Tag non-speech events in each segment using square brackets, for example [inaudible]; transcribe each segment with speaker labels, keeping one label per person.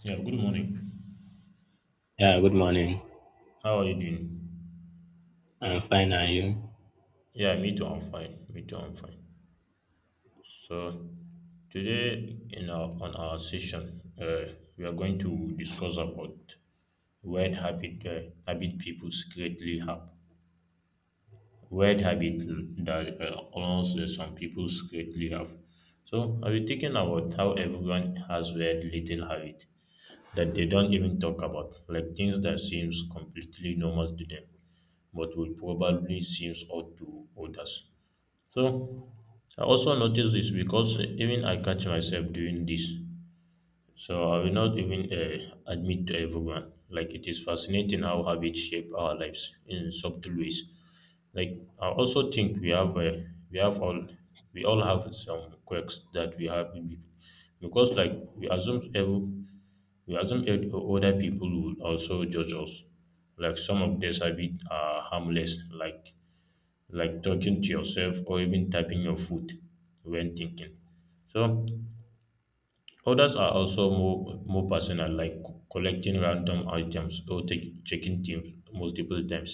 Speaker 1: Yeah, good morning.
Speaker 2: Yeah, good morning.
Speaker 1: How are you doing?
Speaker 2: I'm fine, are you?
Speaker 1: Yeah, me too. I'm fine. Me too. I'm fine. So today in our on our session, we are going to discuss about weird habit people secretly have. Weird habit that almost some people secretly have. So I'll be thinking about how everyone has weird little habit that they don't even talk about, like things that seems completely normal to them, but would probably seems odd to others. So I also notice this because even I catch myself doing this. So I will not even admit to everyone. Like it is fascinating how habits shape our lives in subtle ways. Like I also think we all have some quirks that we have in people, because like we assume other people will also judge us. Like some of these habits are harmless, like talking to yourself or even tapping your foot when thinking. So others are also more personal, like collecting random items or checking things multiple times.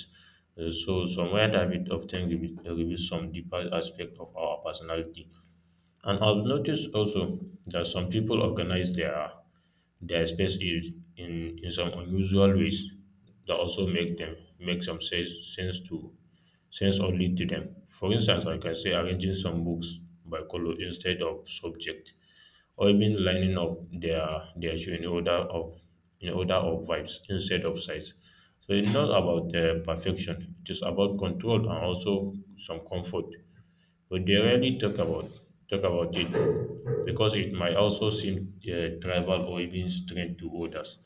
Speaker 1: So some weird habits often reveal some deeper aspect of our personality, and I've noticed also that some people organize their space in some unusual ways that also make some sense only to them. For instance, like I can say arranging some books by color instead of subject, or even lining up their shoe in order of vibes instead of size. So it's not about perfection; it is about control and also some comfort, but they rarely talk about it because it might also seem tribal or even strange to others.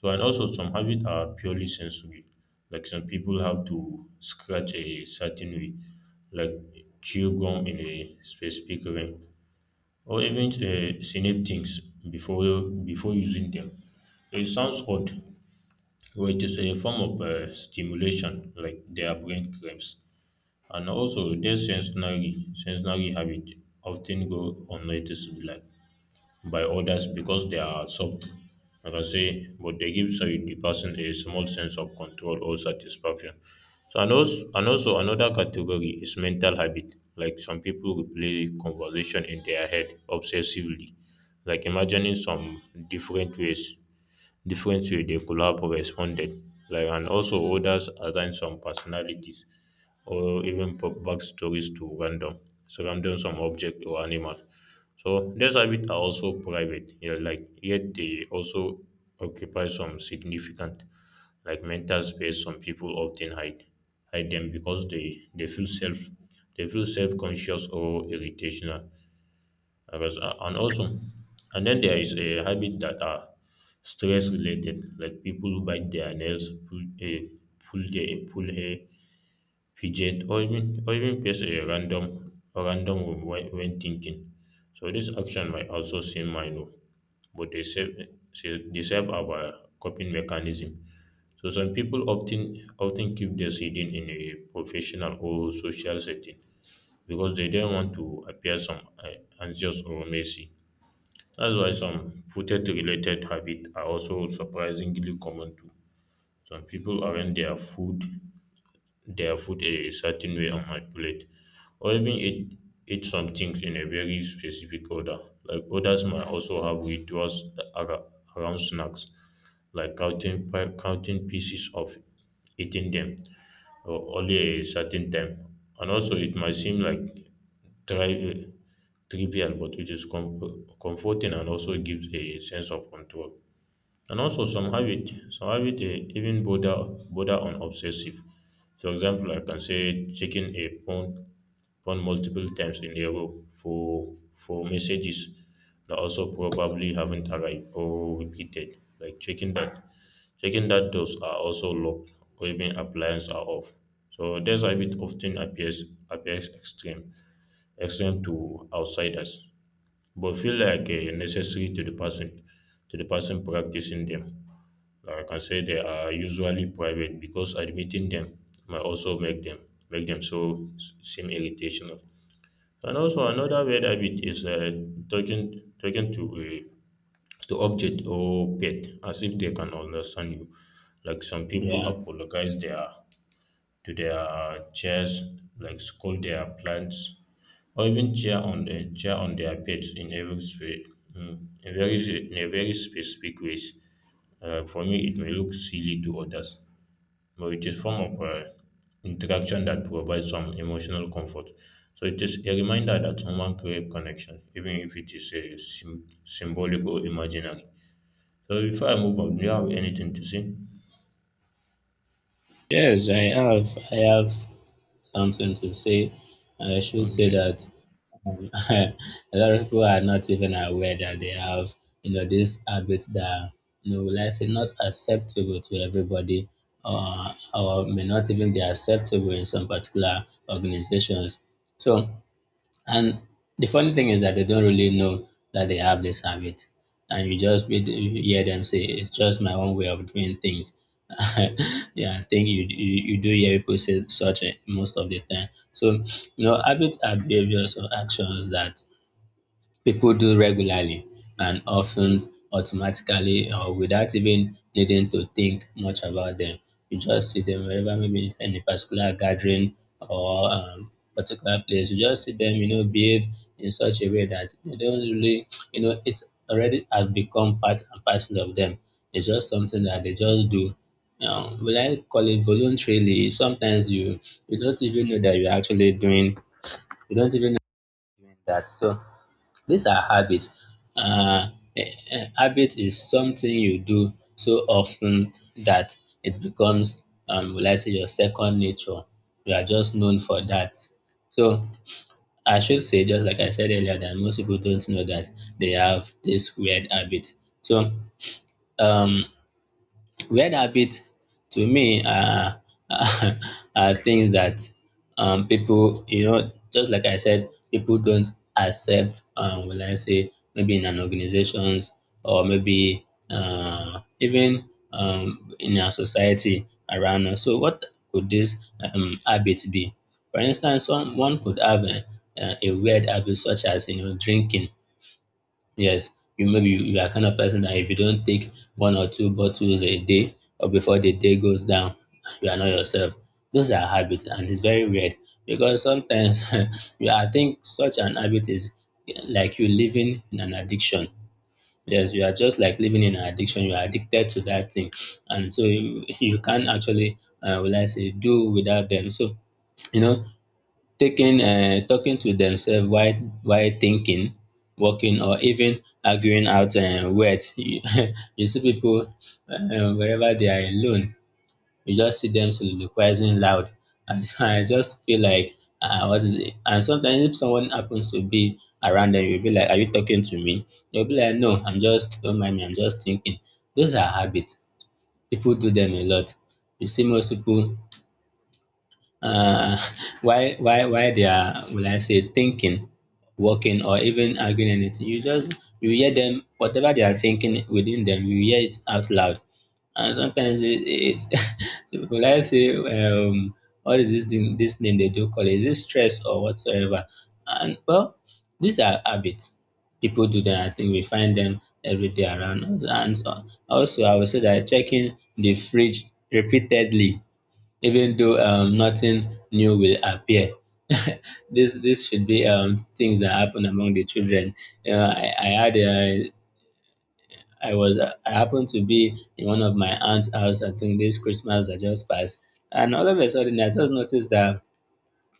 Speaker 1: So and also some habits are purely sensory, like some people have to scratch a certain way, like chew gum in a specific ring, or even snip things before using them. It sounds odd, but it is a form of stimulation, like their brain cramps. And also, their sensory habit often go unnoticed, like, by others because they are soft. Like I can say, but they give so the person a small sense of control or satisfaction. So and also another category is mental habit. Like some people replay conversation in their head obsessively, like imagining some different ways different way they could have responded. Like and also others assign some personalities or even pop back stories to random surrounding some object or animal. So these habits are also private, yeah, like yet they also occupy some significant like mental space. Some people often hide them because they feel self conscious or irritational. Whereas- And also and then there is a habit that are stress related, like people bite their nails, pull, eh, pull their pull hair, fidget or even face a random room when thinking. So this action might also seem minor, but they serve our coping mechanism. So some people often keep their hidden in a professional or social setting because they don't want to appear some anxious or messy. That's why some food related habits are also surprisingly common too. Some people arrange their food a certain way on my plate, or even eat some things in a very specific order. Like others might also have rituals ara- around snacks, like counting pieces of eating them or only a certain time. And also, it might seem like tri- trivial, but it is comforting and also gives a sense of control. And also some habit, even border on obsessive. For example, I can say checking a phone multiple times in a row for messages that also probably haven't arrived or repeated. Like checking that doors are also locked or even appliances are off. So this habit often appears extreme to outsiders, but feel like a necessary to the person practicing them. Like I say, they are usually private because admitting them might also make them so seem irritational. And also another bad habit is talking to object or pet as if they can understand you. Like some people
Speaker 2: Yeah.
Speaker 1: apologize their to their chairs, like scold their plants, or even cheer on their pets in every sp- mm, in very in a very specific ways. For me, it may look silly to others, but it is form of interaction that provides some emotional comfort. So it is a reminder that human crave connection, even if it is symbolic or imaginary. So before I move on, do you have anything to say?
Speaker 2: Yes, I have. I have something to say. I should say
Speaker 1: Okay.
Speaker 2: that [laughs] a lot of people are not even aware that they have, you know, this habit that, you know, let's say not acceptable to everybody, or may not even be acceptable in some particular organizations. So. And the funny thing is that they don't really know that they have this habit. And you hear them say, it's just my own way of doing things. [laughs] Yeah, I think you do hear people say such a, most of the time. So, you know, habits are behaviors or actions that people do regularly, and often automatically or without even needing to think much about them. You just see them wherever, maybe in a particular gathering or particular place. You just see them, you know, behave in such a way that they don't really, you know, it already has become part and parcel of them. It's just something that they just do. Now, will I call it voluntarily? Sometimes you don't even know that you're actually doing. You don't even know that. So these are habits. Uh, a habit is something you do so often that it becomes, will I say, your second nature. You are just known for that. So I should say, just like I said earlier, that most people don't know that they have this weird habit. So um, weird habits to me are, [laughs] are things that people, you know, just like I said, people don't accept, will I say, maybe in an organizations or maybe even in our society around us. So, what could this habit be? For instance, one could have a weird habit such as you know drinking. Yes, you maybe you you are kind of person that if you don't take one or two bottles a day or before the day goes down, [laughs] you are not yourself. Those are habits, and it's very weird because sometimes [laughs] you, I think such an habit is yeah, like you living in an addiction. Yes, you are just like living in an addiction. You are addicted to that thing, and so you, [laughs] you can't actually, will I say, do without them. So you know, talking to themselves while thinking, walking, or even arguing out words. [laughs] You see people wherever they are alone, you just see them soliloquizing loud. [laughs] And so I just feel like, what is it? And sometimes if someone happens to be around them, you'll be like, are you talking to me? They'll be like, no, I'm just, don't mind me, I'm just thinking. Those are habits. People do them a lot. You see most people uh, [laughs] why they are will I say thinking, working or even arguing anything. You just you hear them whatever they are thinking within them, you hear it out loud. And sometimes it [laughs] so will I say what is this thing they do call it? Is it stress or whatsoever? And well, these are habits. People do them. I think we find them every day around us. And so, also I would say that checking the fridge repeatedly even though nothing new will appear. [laughs] This should be things that happen among the children. You know, I had a, I happened to be in one of my aunt's house. I think this Christmas that just passed, and all of a sudden I just noticed that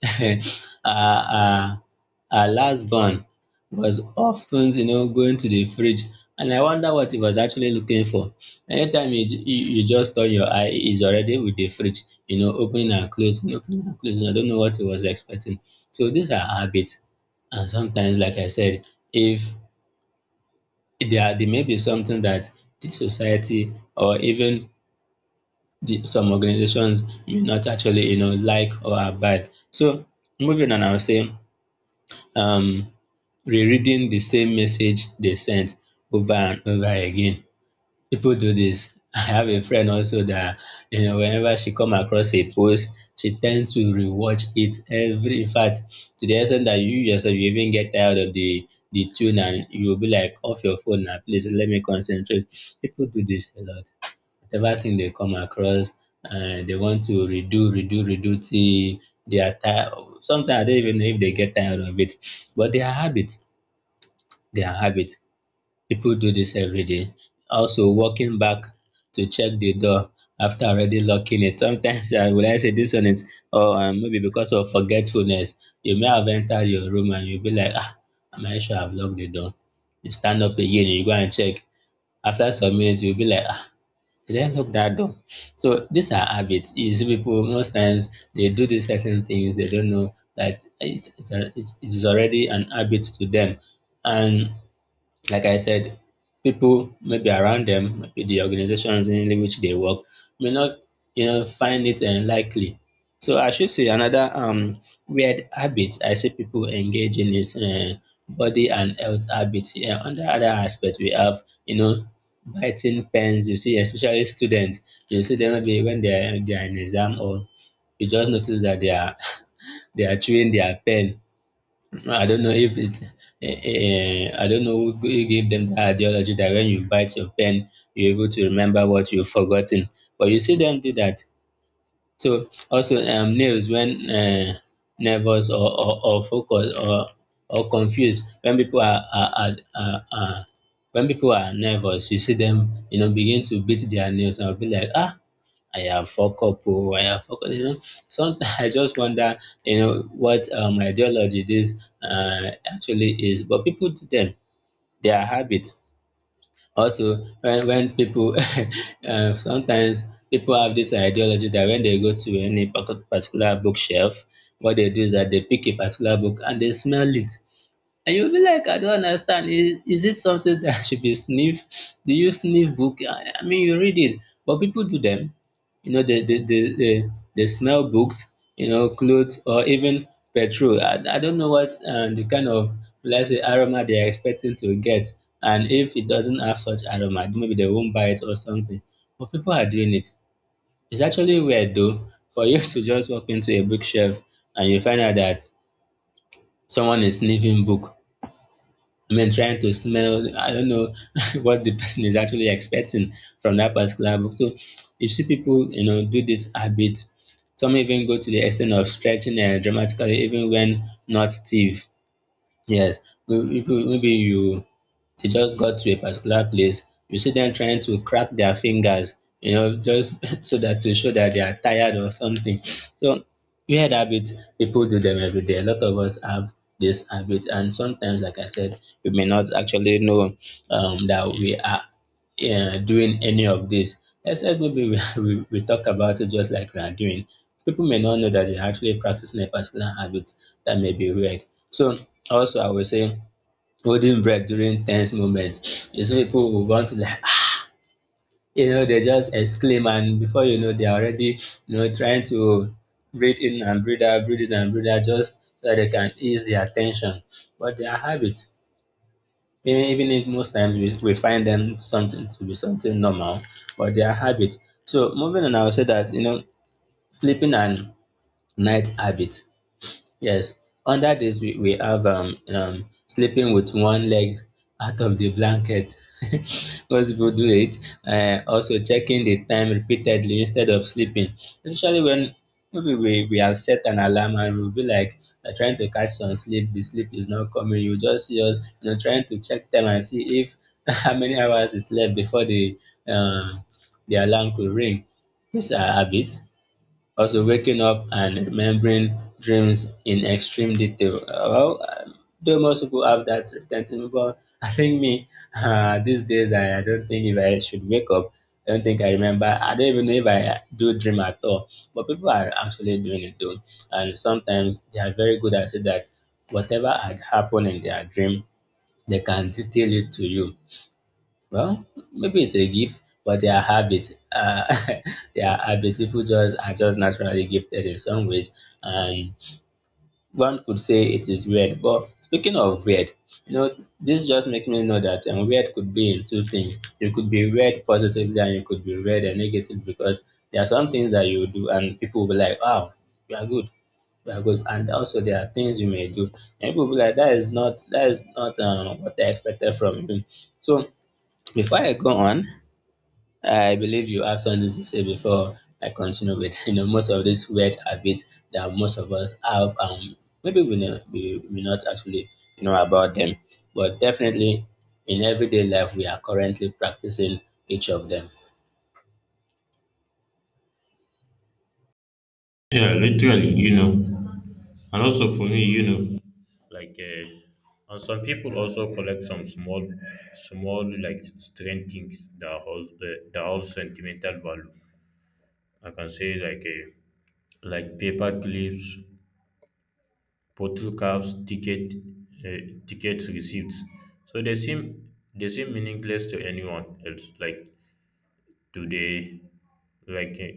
Speaker 2: [laughs] our our our last born was often you know going to the fridge, and I wonder what he was actually looking for. Anytime you, you just turn your eye he's already with the fridge, you know, opening and closing, opening and closing. I don't know what he was expecting. So these are habits, and sometimes like I said, if there may be something that the society or even the, some organizations may not actually you know like or abide. So moving on I'll say um, rereading the same message they sent over and over again. People do this. [laughs] I have a friend also that you know whenever she come across a post, she tends to rewatch it every. In fact, to the extent that you yourself you even get tired of the tune and you'll be like off your phone now, please let me concentrate. People do this a lot. Whatever thing they come across, they want to redo, redo, redo till they are tired. Sometimes I don't even know if they get tired of it, but they are habit. They are habit. People do this every day. Also, walking back to check the door after already locking it. Sometimes, [laughs] would I say this one is, or maybe because of forgetfulness, you may have entered your room and you'll be like, ah, am I sure I've locked the door? You stand up again, you go and check. After some minutes, you'll be like, ah, did I lock that door? So these are habits. You see, people most times they do these certain things they don't know that it, it's a, it is already an habit to them, and like I said, people maybe around them, maybe the organizations in which they work, may not you know find it unlikely. So I should say another weird habit I see people engage in is body and health habit. Yeah, under other aspect we have you know biting pens. You see, especially students, you see them maybe when they are in exam or you just notice that they are [laughs] they are chewing their pen. I don't know if it. I don't know who gave them the ideology that when you bite your pen, you're able to remember what you've forgotten. But you see them do that. So also nails when nervous or or focused or confused when people are when people are nervous you see them you know begin to beat their nails and be like ah I have fuck up oh I have fuck up you know sometimes [laughs] I just wonder you know what ideology this actually is but people do them. Their habit. Also, when people, [laughs] sometimes people have this ideology that when they go to any particular bookshelf, what they do is that they pick a particular book and they smell it. And you'll be like, I don't understand. Is it something that [laughs] should be sniffed? Do you sniff book? I mean, you read it, but people do them. You know, they smell books, you know, clothes, or even petrol. I don't know what the kind of, let's say, aroma they are expecting to get. And if it doesn't have such aroma, maybe they won't buy it or something. But people are doing it. It's actually weird, though, for you [laughs] to just walk into a bookshelf and you find out that someone is sniffing book. I mean, trying to smell, I don't know [laughs] what the person is actually expecting from that particular book. So you see people, you know, do this habit. Some even go to the extent of stretching dramatically, even when not stiff. Yes, maybe you they just got to a particular place, you see them trying to crack their fingers, you know, just [laughs] so that to show that they are tired or something. So weird habit, people do them every day. A lot of us have this habit, and sometimes, like I said, we may not actually know that we are doing any of this. Except maybe [laughs] we talk about it just like we are doing. People may not know that they're actually practicing a particular habit that may be weird. So also I will say holding breath during tense moments. You see people will want to like, [laughs] you know, they just exclaim and before you know, they are already, you know, trying to breathe in and breathe out, breathe in and breathe out just so that they can ease their tension. But they are habit, even if most times we find them something to be something normal, but they are habit. So moving on, I would say that, you know, sleeping and night habit. Yes, under this we have sleeping with one leg out of the blanket. [laughs] Most people do it. Also checking the time repeatedly instead of sleeping, especially when maybe we have set an alarm and we'll be like trying to catch some sleep. The sleep is not coming. You just see us, you know, trying to check time and see if [laughs] how many hours is left before um the alarm could ring. These are habits, also waking up and remembering dreams in extreme detail. Well, though most people have that retention, but I think me, these days, I don't think if I should wake up, I don't think I remember. I don't even know if I do dream at all. But people are actually doing it though. And sometimes they are very good at it that whatever had happened in their dream, they can detail it to you. Well, maybe it's a gift, but they are habits. [laughs] They are habits. People just are just naturally gifted in some ways, and one could say it is weird. But speaking of weird, you know, this just makes me know that weird could be in two things. You could be weird positively, and you could be weird and negative because there are some things that you do, and people will be like, "Wow, you are good." You are good, and also there are things you may do and people will be like, that is not, what I expected from you. So before I go on, I believe you have something to say before I continue with [laughs] you know most of these weird habits that most of us have. Maybe we know, we not actually know about them, but definitely in everyday life we are currently practicing each of them.
Speaker 1: Yeah, literally, and also for me, like, uh, and some people also collect some small like strange things that holds the that holds sentimental value. I can say like paper clips, bottle caps, uh, tickets, receipts. So they seem meaningless to anyone else. Like today, like,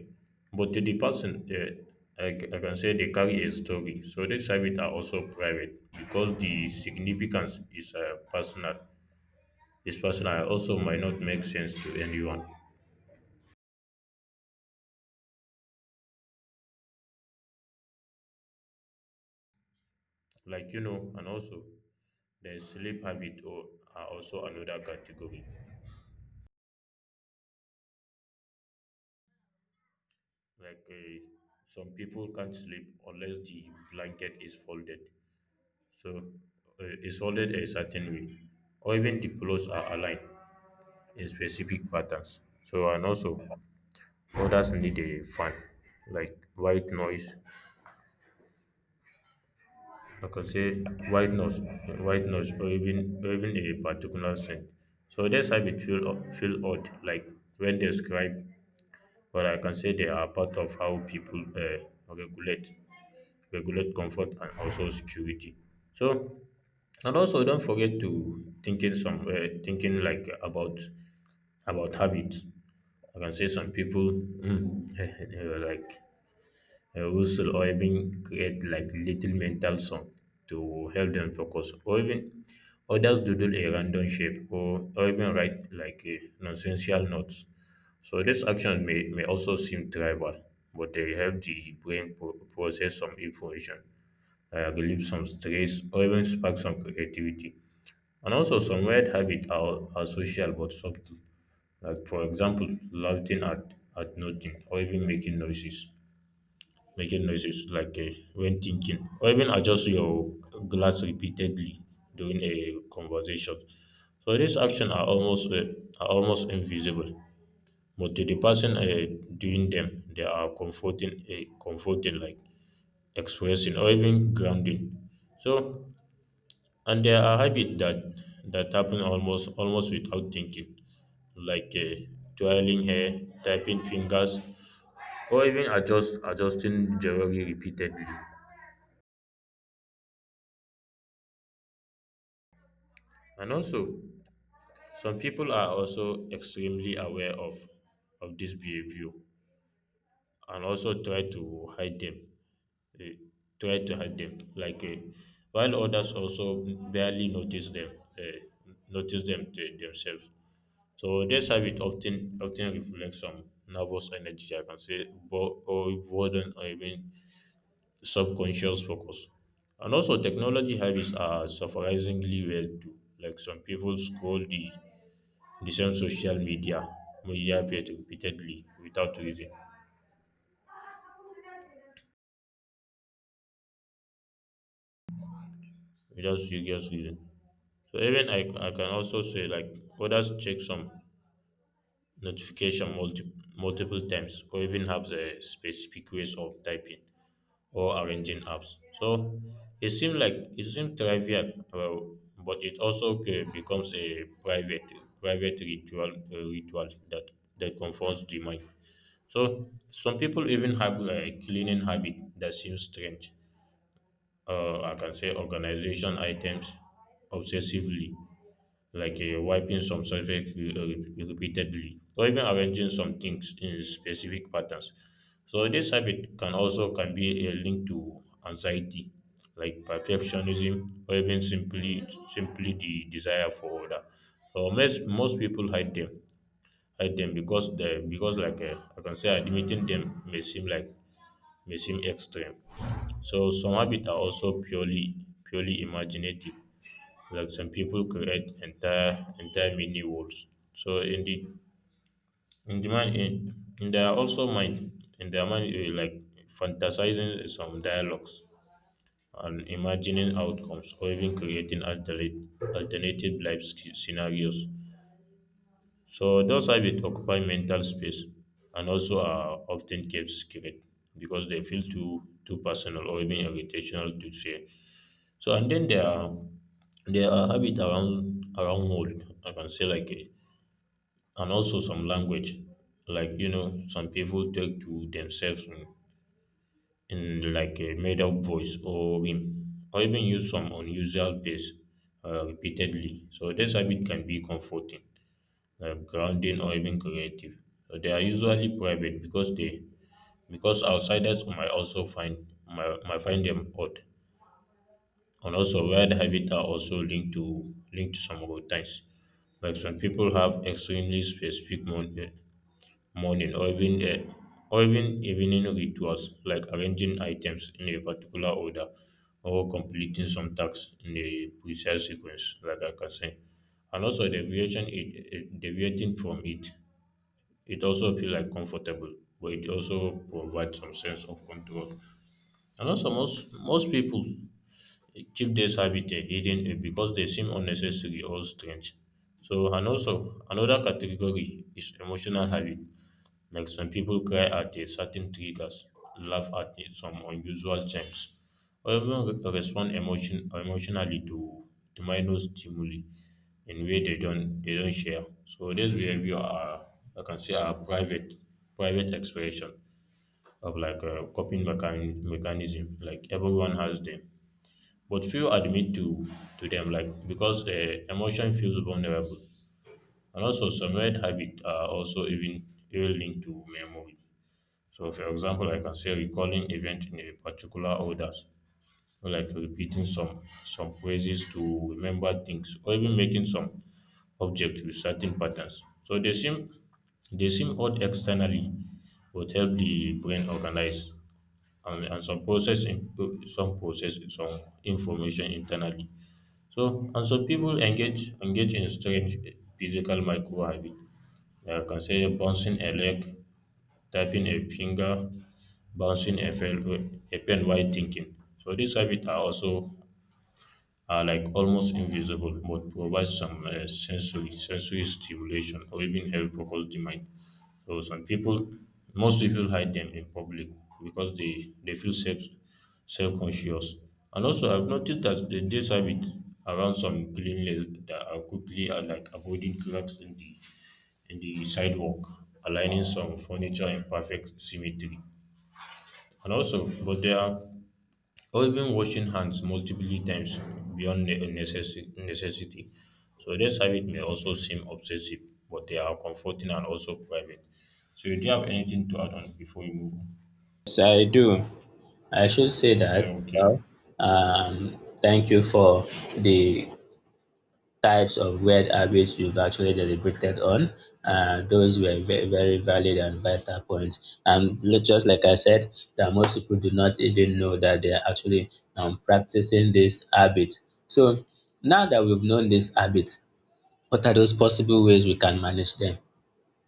Speaker 1: but to the person, I can say they carry a story. So these services are also private because the significance is personal. Is personal also might not make sense to anyone. Like and also the sleep habit or are also another category. Like some people can't sleep unless the blanket is folded, so is folded a certain way, or even the pillows are aligned in specific patterns. So and also others need a fan, like white noise. Like I can say white noise, white noise, or even a particular scent. So that's how it feel odd, like when described, but I can say they are part of how people regulate regulate comfort and also security. So and also don't forget to thinking like about habits. I can say some people [laughs] like whistle or even create like little mental song to help them focus or even others doodle a random shape or even write like nonsensical notes. So this action may also seem trivial, but they help the brain process some information, relieve some stress, or even spark some creativity. And also, some weird habits are social but subtle. Like, for example, laughing at nothing, or even making noises. Making noises like when thinking, or even adjust your glass repeatedly during a conversation. So these actions are almost invisible, but to the person doing them, they are comforting, comforting, like expressing or even grounding. So and there are habits that happen almost without thinking, like twirling hair, tapping fingers, or even adjusting jewelry repeatedly. And also, some people are also extremely aware of this behavior and also try to hide them. eh, try to hide them, like uh, while others also barely notice them. eh, themselves. So this habit often reflects some nervous energy, I can say, or boredom, or even subconscious focus. And also, technology habits are surprisingly weird too. Like some people scroll the same social media page repeatedly without serious reason. So even I can also say like others check some notification multiple times or even have a specific ways of typing or arranging apps. So it seems trivial, but it also becomes a private ritual that comforts the mind. So some people even have a cleaning habit that seems strange. I can say organization items obsessively, like wiping some surface repeatedly, or even arranging some things in specific patterns. So this habit can be a link to anxiety, like perfectionism, or even simply the desire for order. So most people hide them because the because like I can say admitting them may seem extreme. So some habits are also purely imaginative, like some people create entire mini worlds. So in the mind in their also mind in their mind, like fantasizing some dialogues and imagining outcomes or even creating alternate alternative life scenarios. So those habits occupy mental space and also are often kept secret because they feel too personal or even irritational to share. So and then there are habit around world I can say, like and also some language like some people talk to themselves in like a made up voice or rhyme or even use some unusual pace, repeatedly. So this habit can be comforting, grounding, or even creative. So they are usually private because outsiders might also find might find them odd, and also weird habits are also linked to some routines. Like some people have extremely specific morning or even evening rituals, like arranging items in a particular order or completing some tasks in a precise sequence, like I can say. And also deviation it, it deviating from it, it also feels like comfortable, but it also provides some sense of control. And also most people keep this habit hidden because they seem unnecessary or strange. So and also another category is emotional habit. Like some people cry at a certain triggers, laugh at some unusual times, or even respond emotionally to minor stimuli in way they don't share. So this behavior are, I can say, are private expression of like a coping mechanism. Like everyone has them but few admit to them, like because emotion feels vulnerable, and also some red habits are also even linked to memory. So for example I can say recalling event in a particular order, like repeating some phrases to remember things or even making some objects with certain patterns. So they seem odd externally, but help the brain organize, and, some process some information internally. So and so people engage in strange physical microhabit. Consider bouncing a leg, tapping a finger, bouncing a pen while thinking. So these habits are also are like almost invisible, but provide some sensory stimulation or even help focus the mind. So some people, most people hide them in public because they feel self conscious. And also, I've noticed that the this habit around some cleanliness that are quickly are like avoiding cracks in the sidewalk, aligning some furniture in perfect symmetry. And also, but there are or even washing hands multiple times beyond necessity. So this habit may also seem obsessive, but they are comforting and also private. So do you have anything to add on before you move on?
Speaker 2: Yes, I do. I should say
Speaker 1: Yeah,
Speaker 2: that.
Speaker 1: okay.
Speaker 2: Well, thank you for the types of weird habits we've actually deliberated on. Those were very, very valid and vital points. And li- just like I said, that most people do not even know that they are actually practicing this habit. So now that we've known this habit, what are those possible ways we can manage them?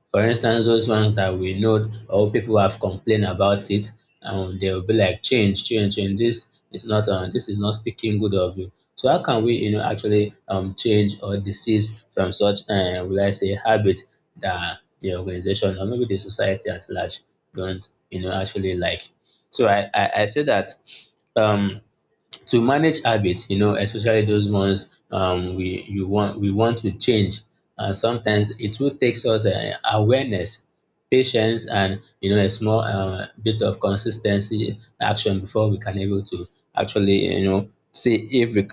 Speaker 2: For instance, those ones that we know or people have complained about it, and they'll be like, change, change, change. This is not speaking good of you. So how can we, you know, actually change or desist from such, will I say, habit that the organization or maybe the society at large don't, you know, actually like. So I say that um to manage habits, you know, especially those ones we want to change, and sometimes it will takes us awareness, patience, and, you know, a small bit of consistency action before we can able to actually, you know, see if we,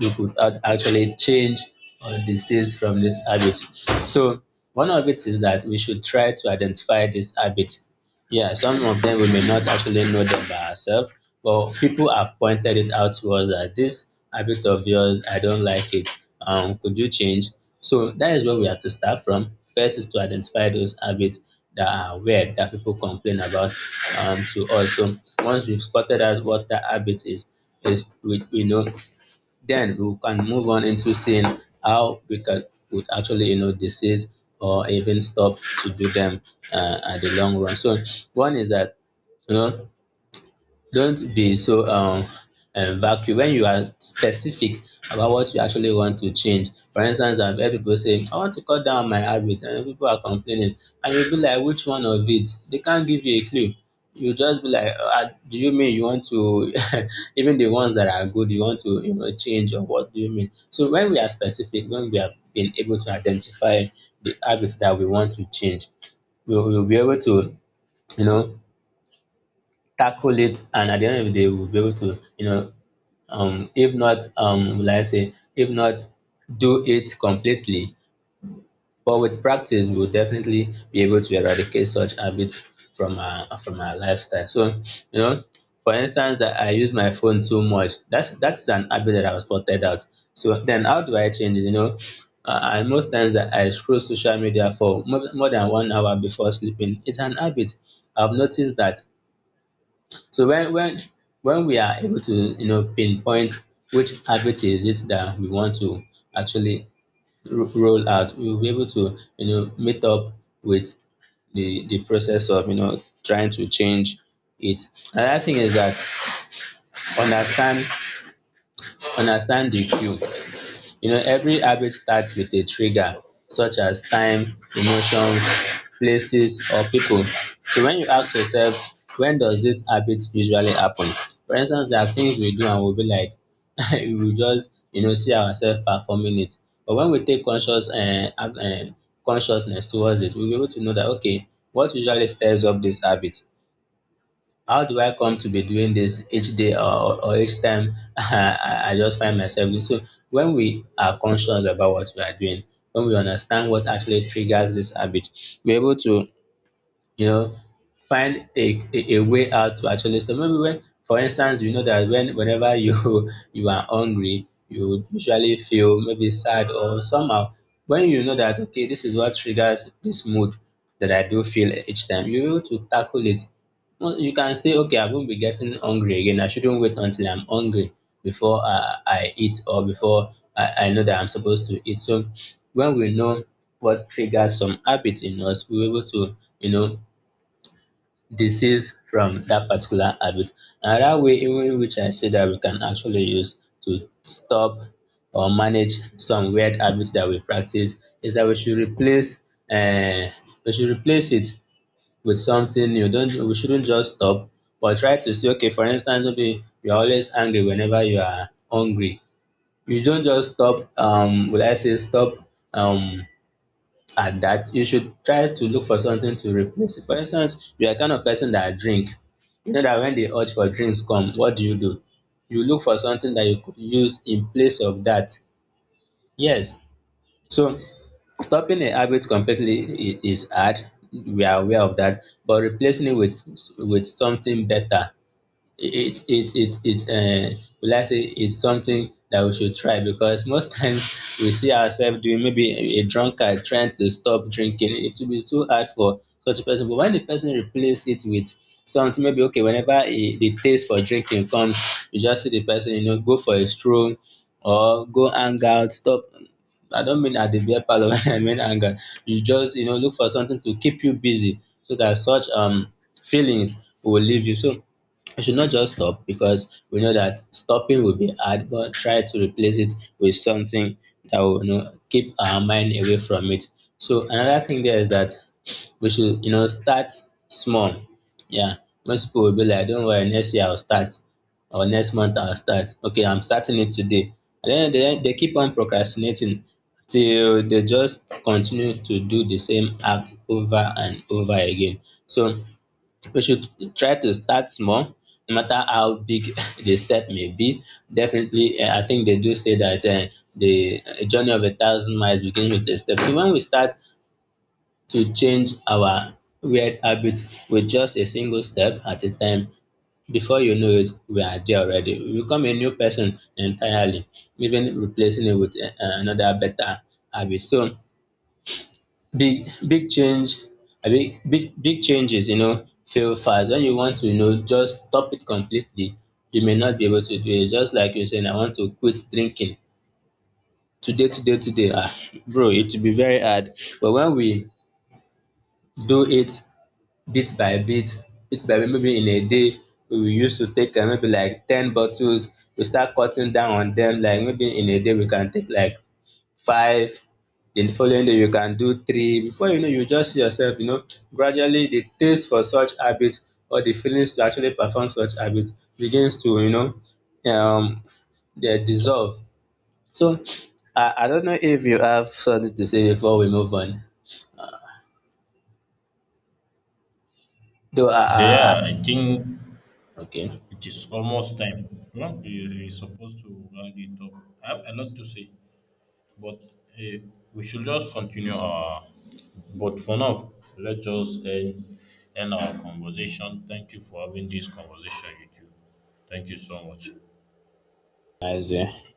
Speaker 2: we could actually change or disease from this habit. So one of it is that we should try to identify this habit. Yeah, some of them we may not actually know them by ourselves, but people have pointed it out to us that this habit of yours, I don't like it. Could you change? So that is where we have to start from. First is to identify those habits that are weird that people complain about to us. So once we've spotted out what that habit is we know, then we can move on into seeing how we can would actually, you know, disease or even stop to do them at the long run. So one is that, you know, don't be so vacuum when you are specific about what you actually want to change. For instance, I've heard people say, I want to cut down my habit, and people are complaining. And you'll be like, which one of it? They can't give you a clue. You just be like, do you mean you want to, [laughs] even the ones that are good, you want to, you know, change or what do you mean? So when we are specific, when we have been able to identify the habits that we want to change, we will be able to, you know, tackle it, and at the end of the day we'll be able to, you know, if not, will I say if not do it completely, but with practice we'll definitely be able to eradicate such habit from our lifestyle. So, you know, for instance, that I use my phone too much, that's an habit that I was spotted out. So then how do I change it, you know? And most times, I scroll social media for more, more than 1 hour before sleeping, it's an habit I've noticed that. So when we are able to, you know, pinpoint which habit is it that we want to actually roll out, we will be able to, you know, meet up with the process of, you know, trying to change it. Another thing is that understand understand the cue. You know, every habit starts with a trigger, such as time, emotions, places, or people. So when you ask yourself, when does this habit usually happen? For instance, there are things we do and we'll be like, [laughs] we will just, you know, see ourselves performing it. But when we take conscious consciousness towards it, we'll be able to know that, okay, what usually stirs up this habit? How do I come to be doing this each day, or each time [laughs] I just find myself doing? So when we are conscious about what we are doing, when we understand what actually triggers this habit, we're able to, you know, find a way out to actually stop. Maybe when, for instance, we know that when whenever you [laughs] you are hungry, you would usually feel maybe sad or somehow. When you know that, okay, this is what triggers this mood that I do feel each time, you need to tackle it. Well, you can say, okay, I won't be getting hungry again. I shouldn't wait until I'm hungry before I eat or before I know that I'm supposed to eat. So when we know what triggers some habits in us, we're able to, you know, this is from that particular habit. Another way in which I say that we can actually use to stop or manage some weird habits that we practice is that we should uh, replace it with something new. Don't, we shouldn't just stop, but try to say, okay, for instance, maybe you're always angry whenever you are hungry. You don't just stop. Will I say stop? Um, at that, you should try to look for something to replace it. For instance, you are kind of person that drink. You know that when the urge for drinks come, what do? You look for something that you could use in place of that. Yes. So stopping a habit completely is hard. We are aware of that, but replacing it with something better, it will I say it's something that we should try, because most [laughs] times we see ourselves doing maybe a drunkard trying to stop drinking. It will be too hard for such a person. But when the person replace it with something, maybe okay, whenever a, the taste for drinking comes, you just see the person, you know, go for a stroll or go hang out, stop. I don't mean at the beer parlor [laughs] when I mean hang out. You just, you know, look for something to keep you busy, so that such feelings will leave you. So we should not just stop because we know that stopping will be hard, but try to replace it with something that will, you know, keep our mind away from it. So another thing there is that we should, you know, start small. Yeah, most people will be like, don't worry, next year I'll start or next month I'll start. Okay, I'm starting it today. And then they keep on procrastinating till they just continue to do the same act over and over again. So we should try to start small, no matter how big [laughs] the step may be. Definitely, I think they do say that the journey of a thousand miles begins with a step. So when we start to change our weird habits with just a single step at a time, before you know it, we are there already. We become a new person entirely, even replacing it with another better habit. So big big change big big changes, you know, fail fast. When you want to, you know, just stop it completely, you may not be able to do it. Just like you saying, I want to quit drinking today, today, today, ah bro, it will be very hard. But when we do it bit by bit, bit by bit, maybe in a day we used to take maybe like ten bottles, we start cutting down on them, like maybe in a day we can take like five, in the following day you can do three. Before you know, you just see yourself, you know, gradually the taste for such habit or the feelings to actually perform such habit begins to, you know, they dissolve. So I don't know if you have something to say before we move on. Though
Speaker 1: So yeah,
Speaker 2: I-
Speaker 1: I think
Speaker 2: okay,
Speaker 1: it is almost time. No, we supposed to round it up. I have a lot to say. But eh, we should just continue our. But for now, let's just end our conversation. Thank you for having this conversation with you. Thank you so much.
Speaker 2: nice day.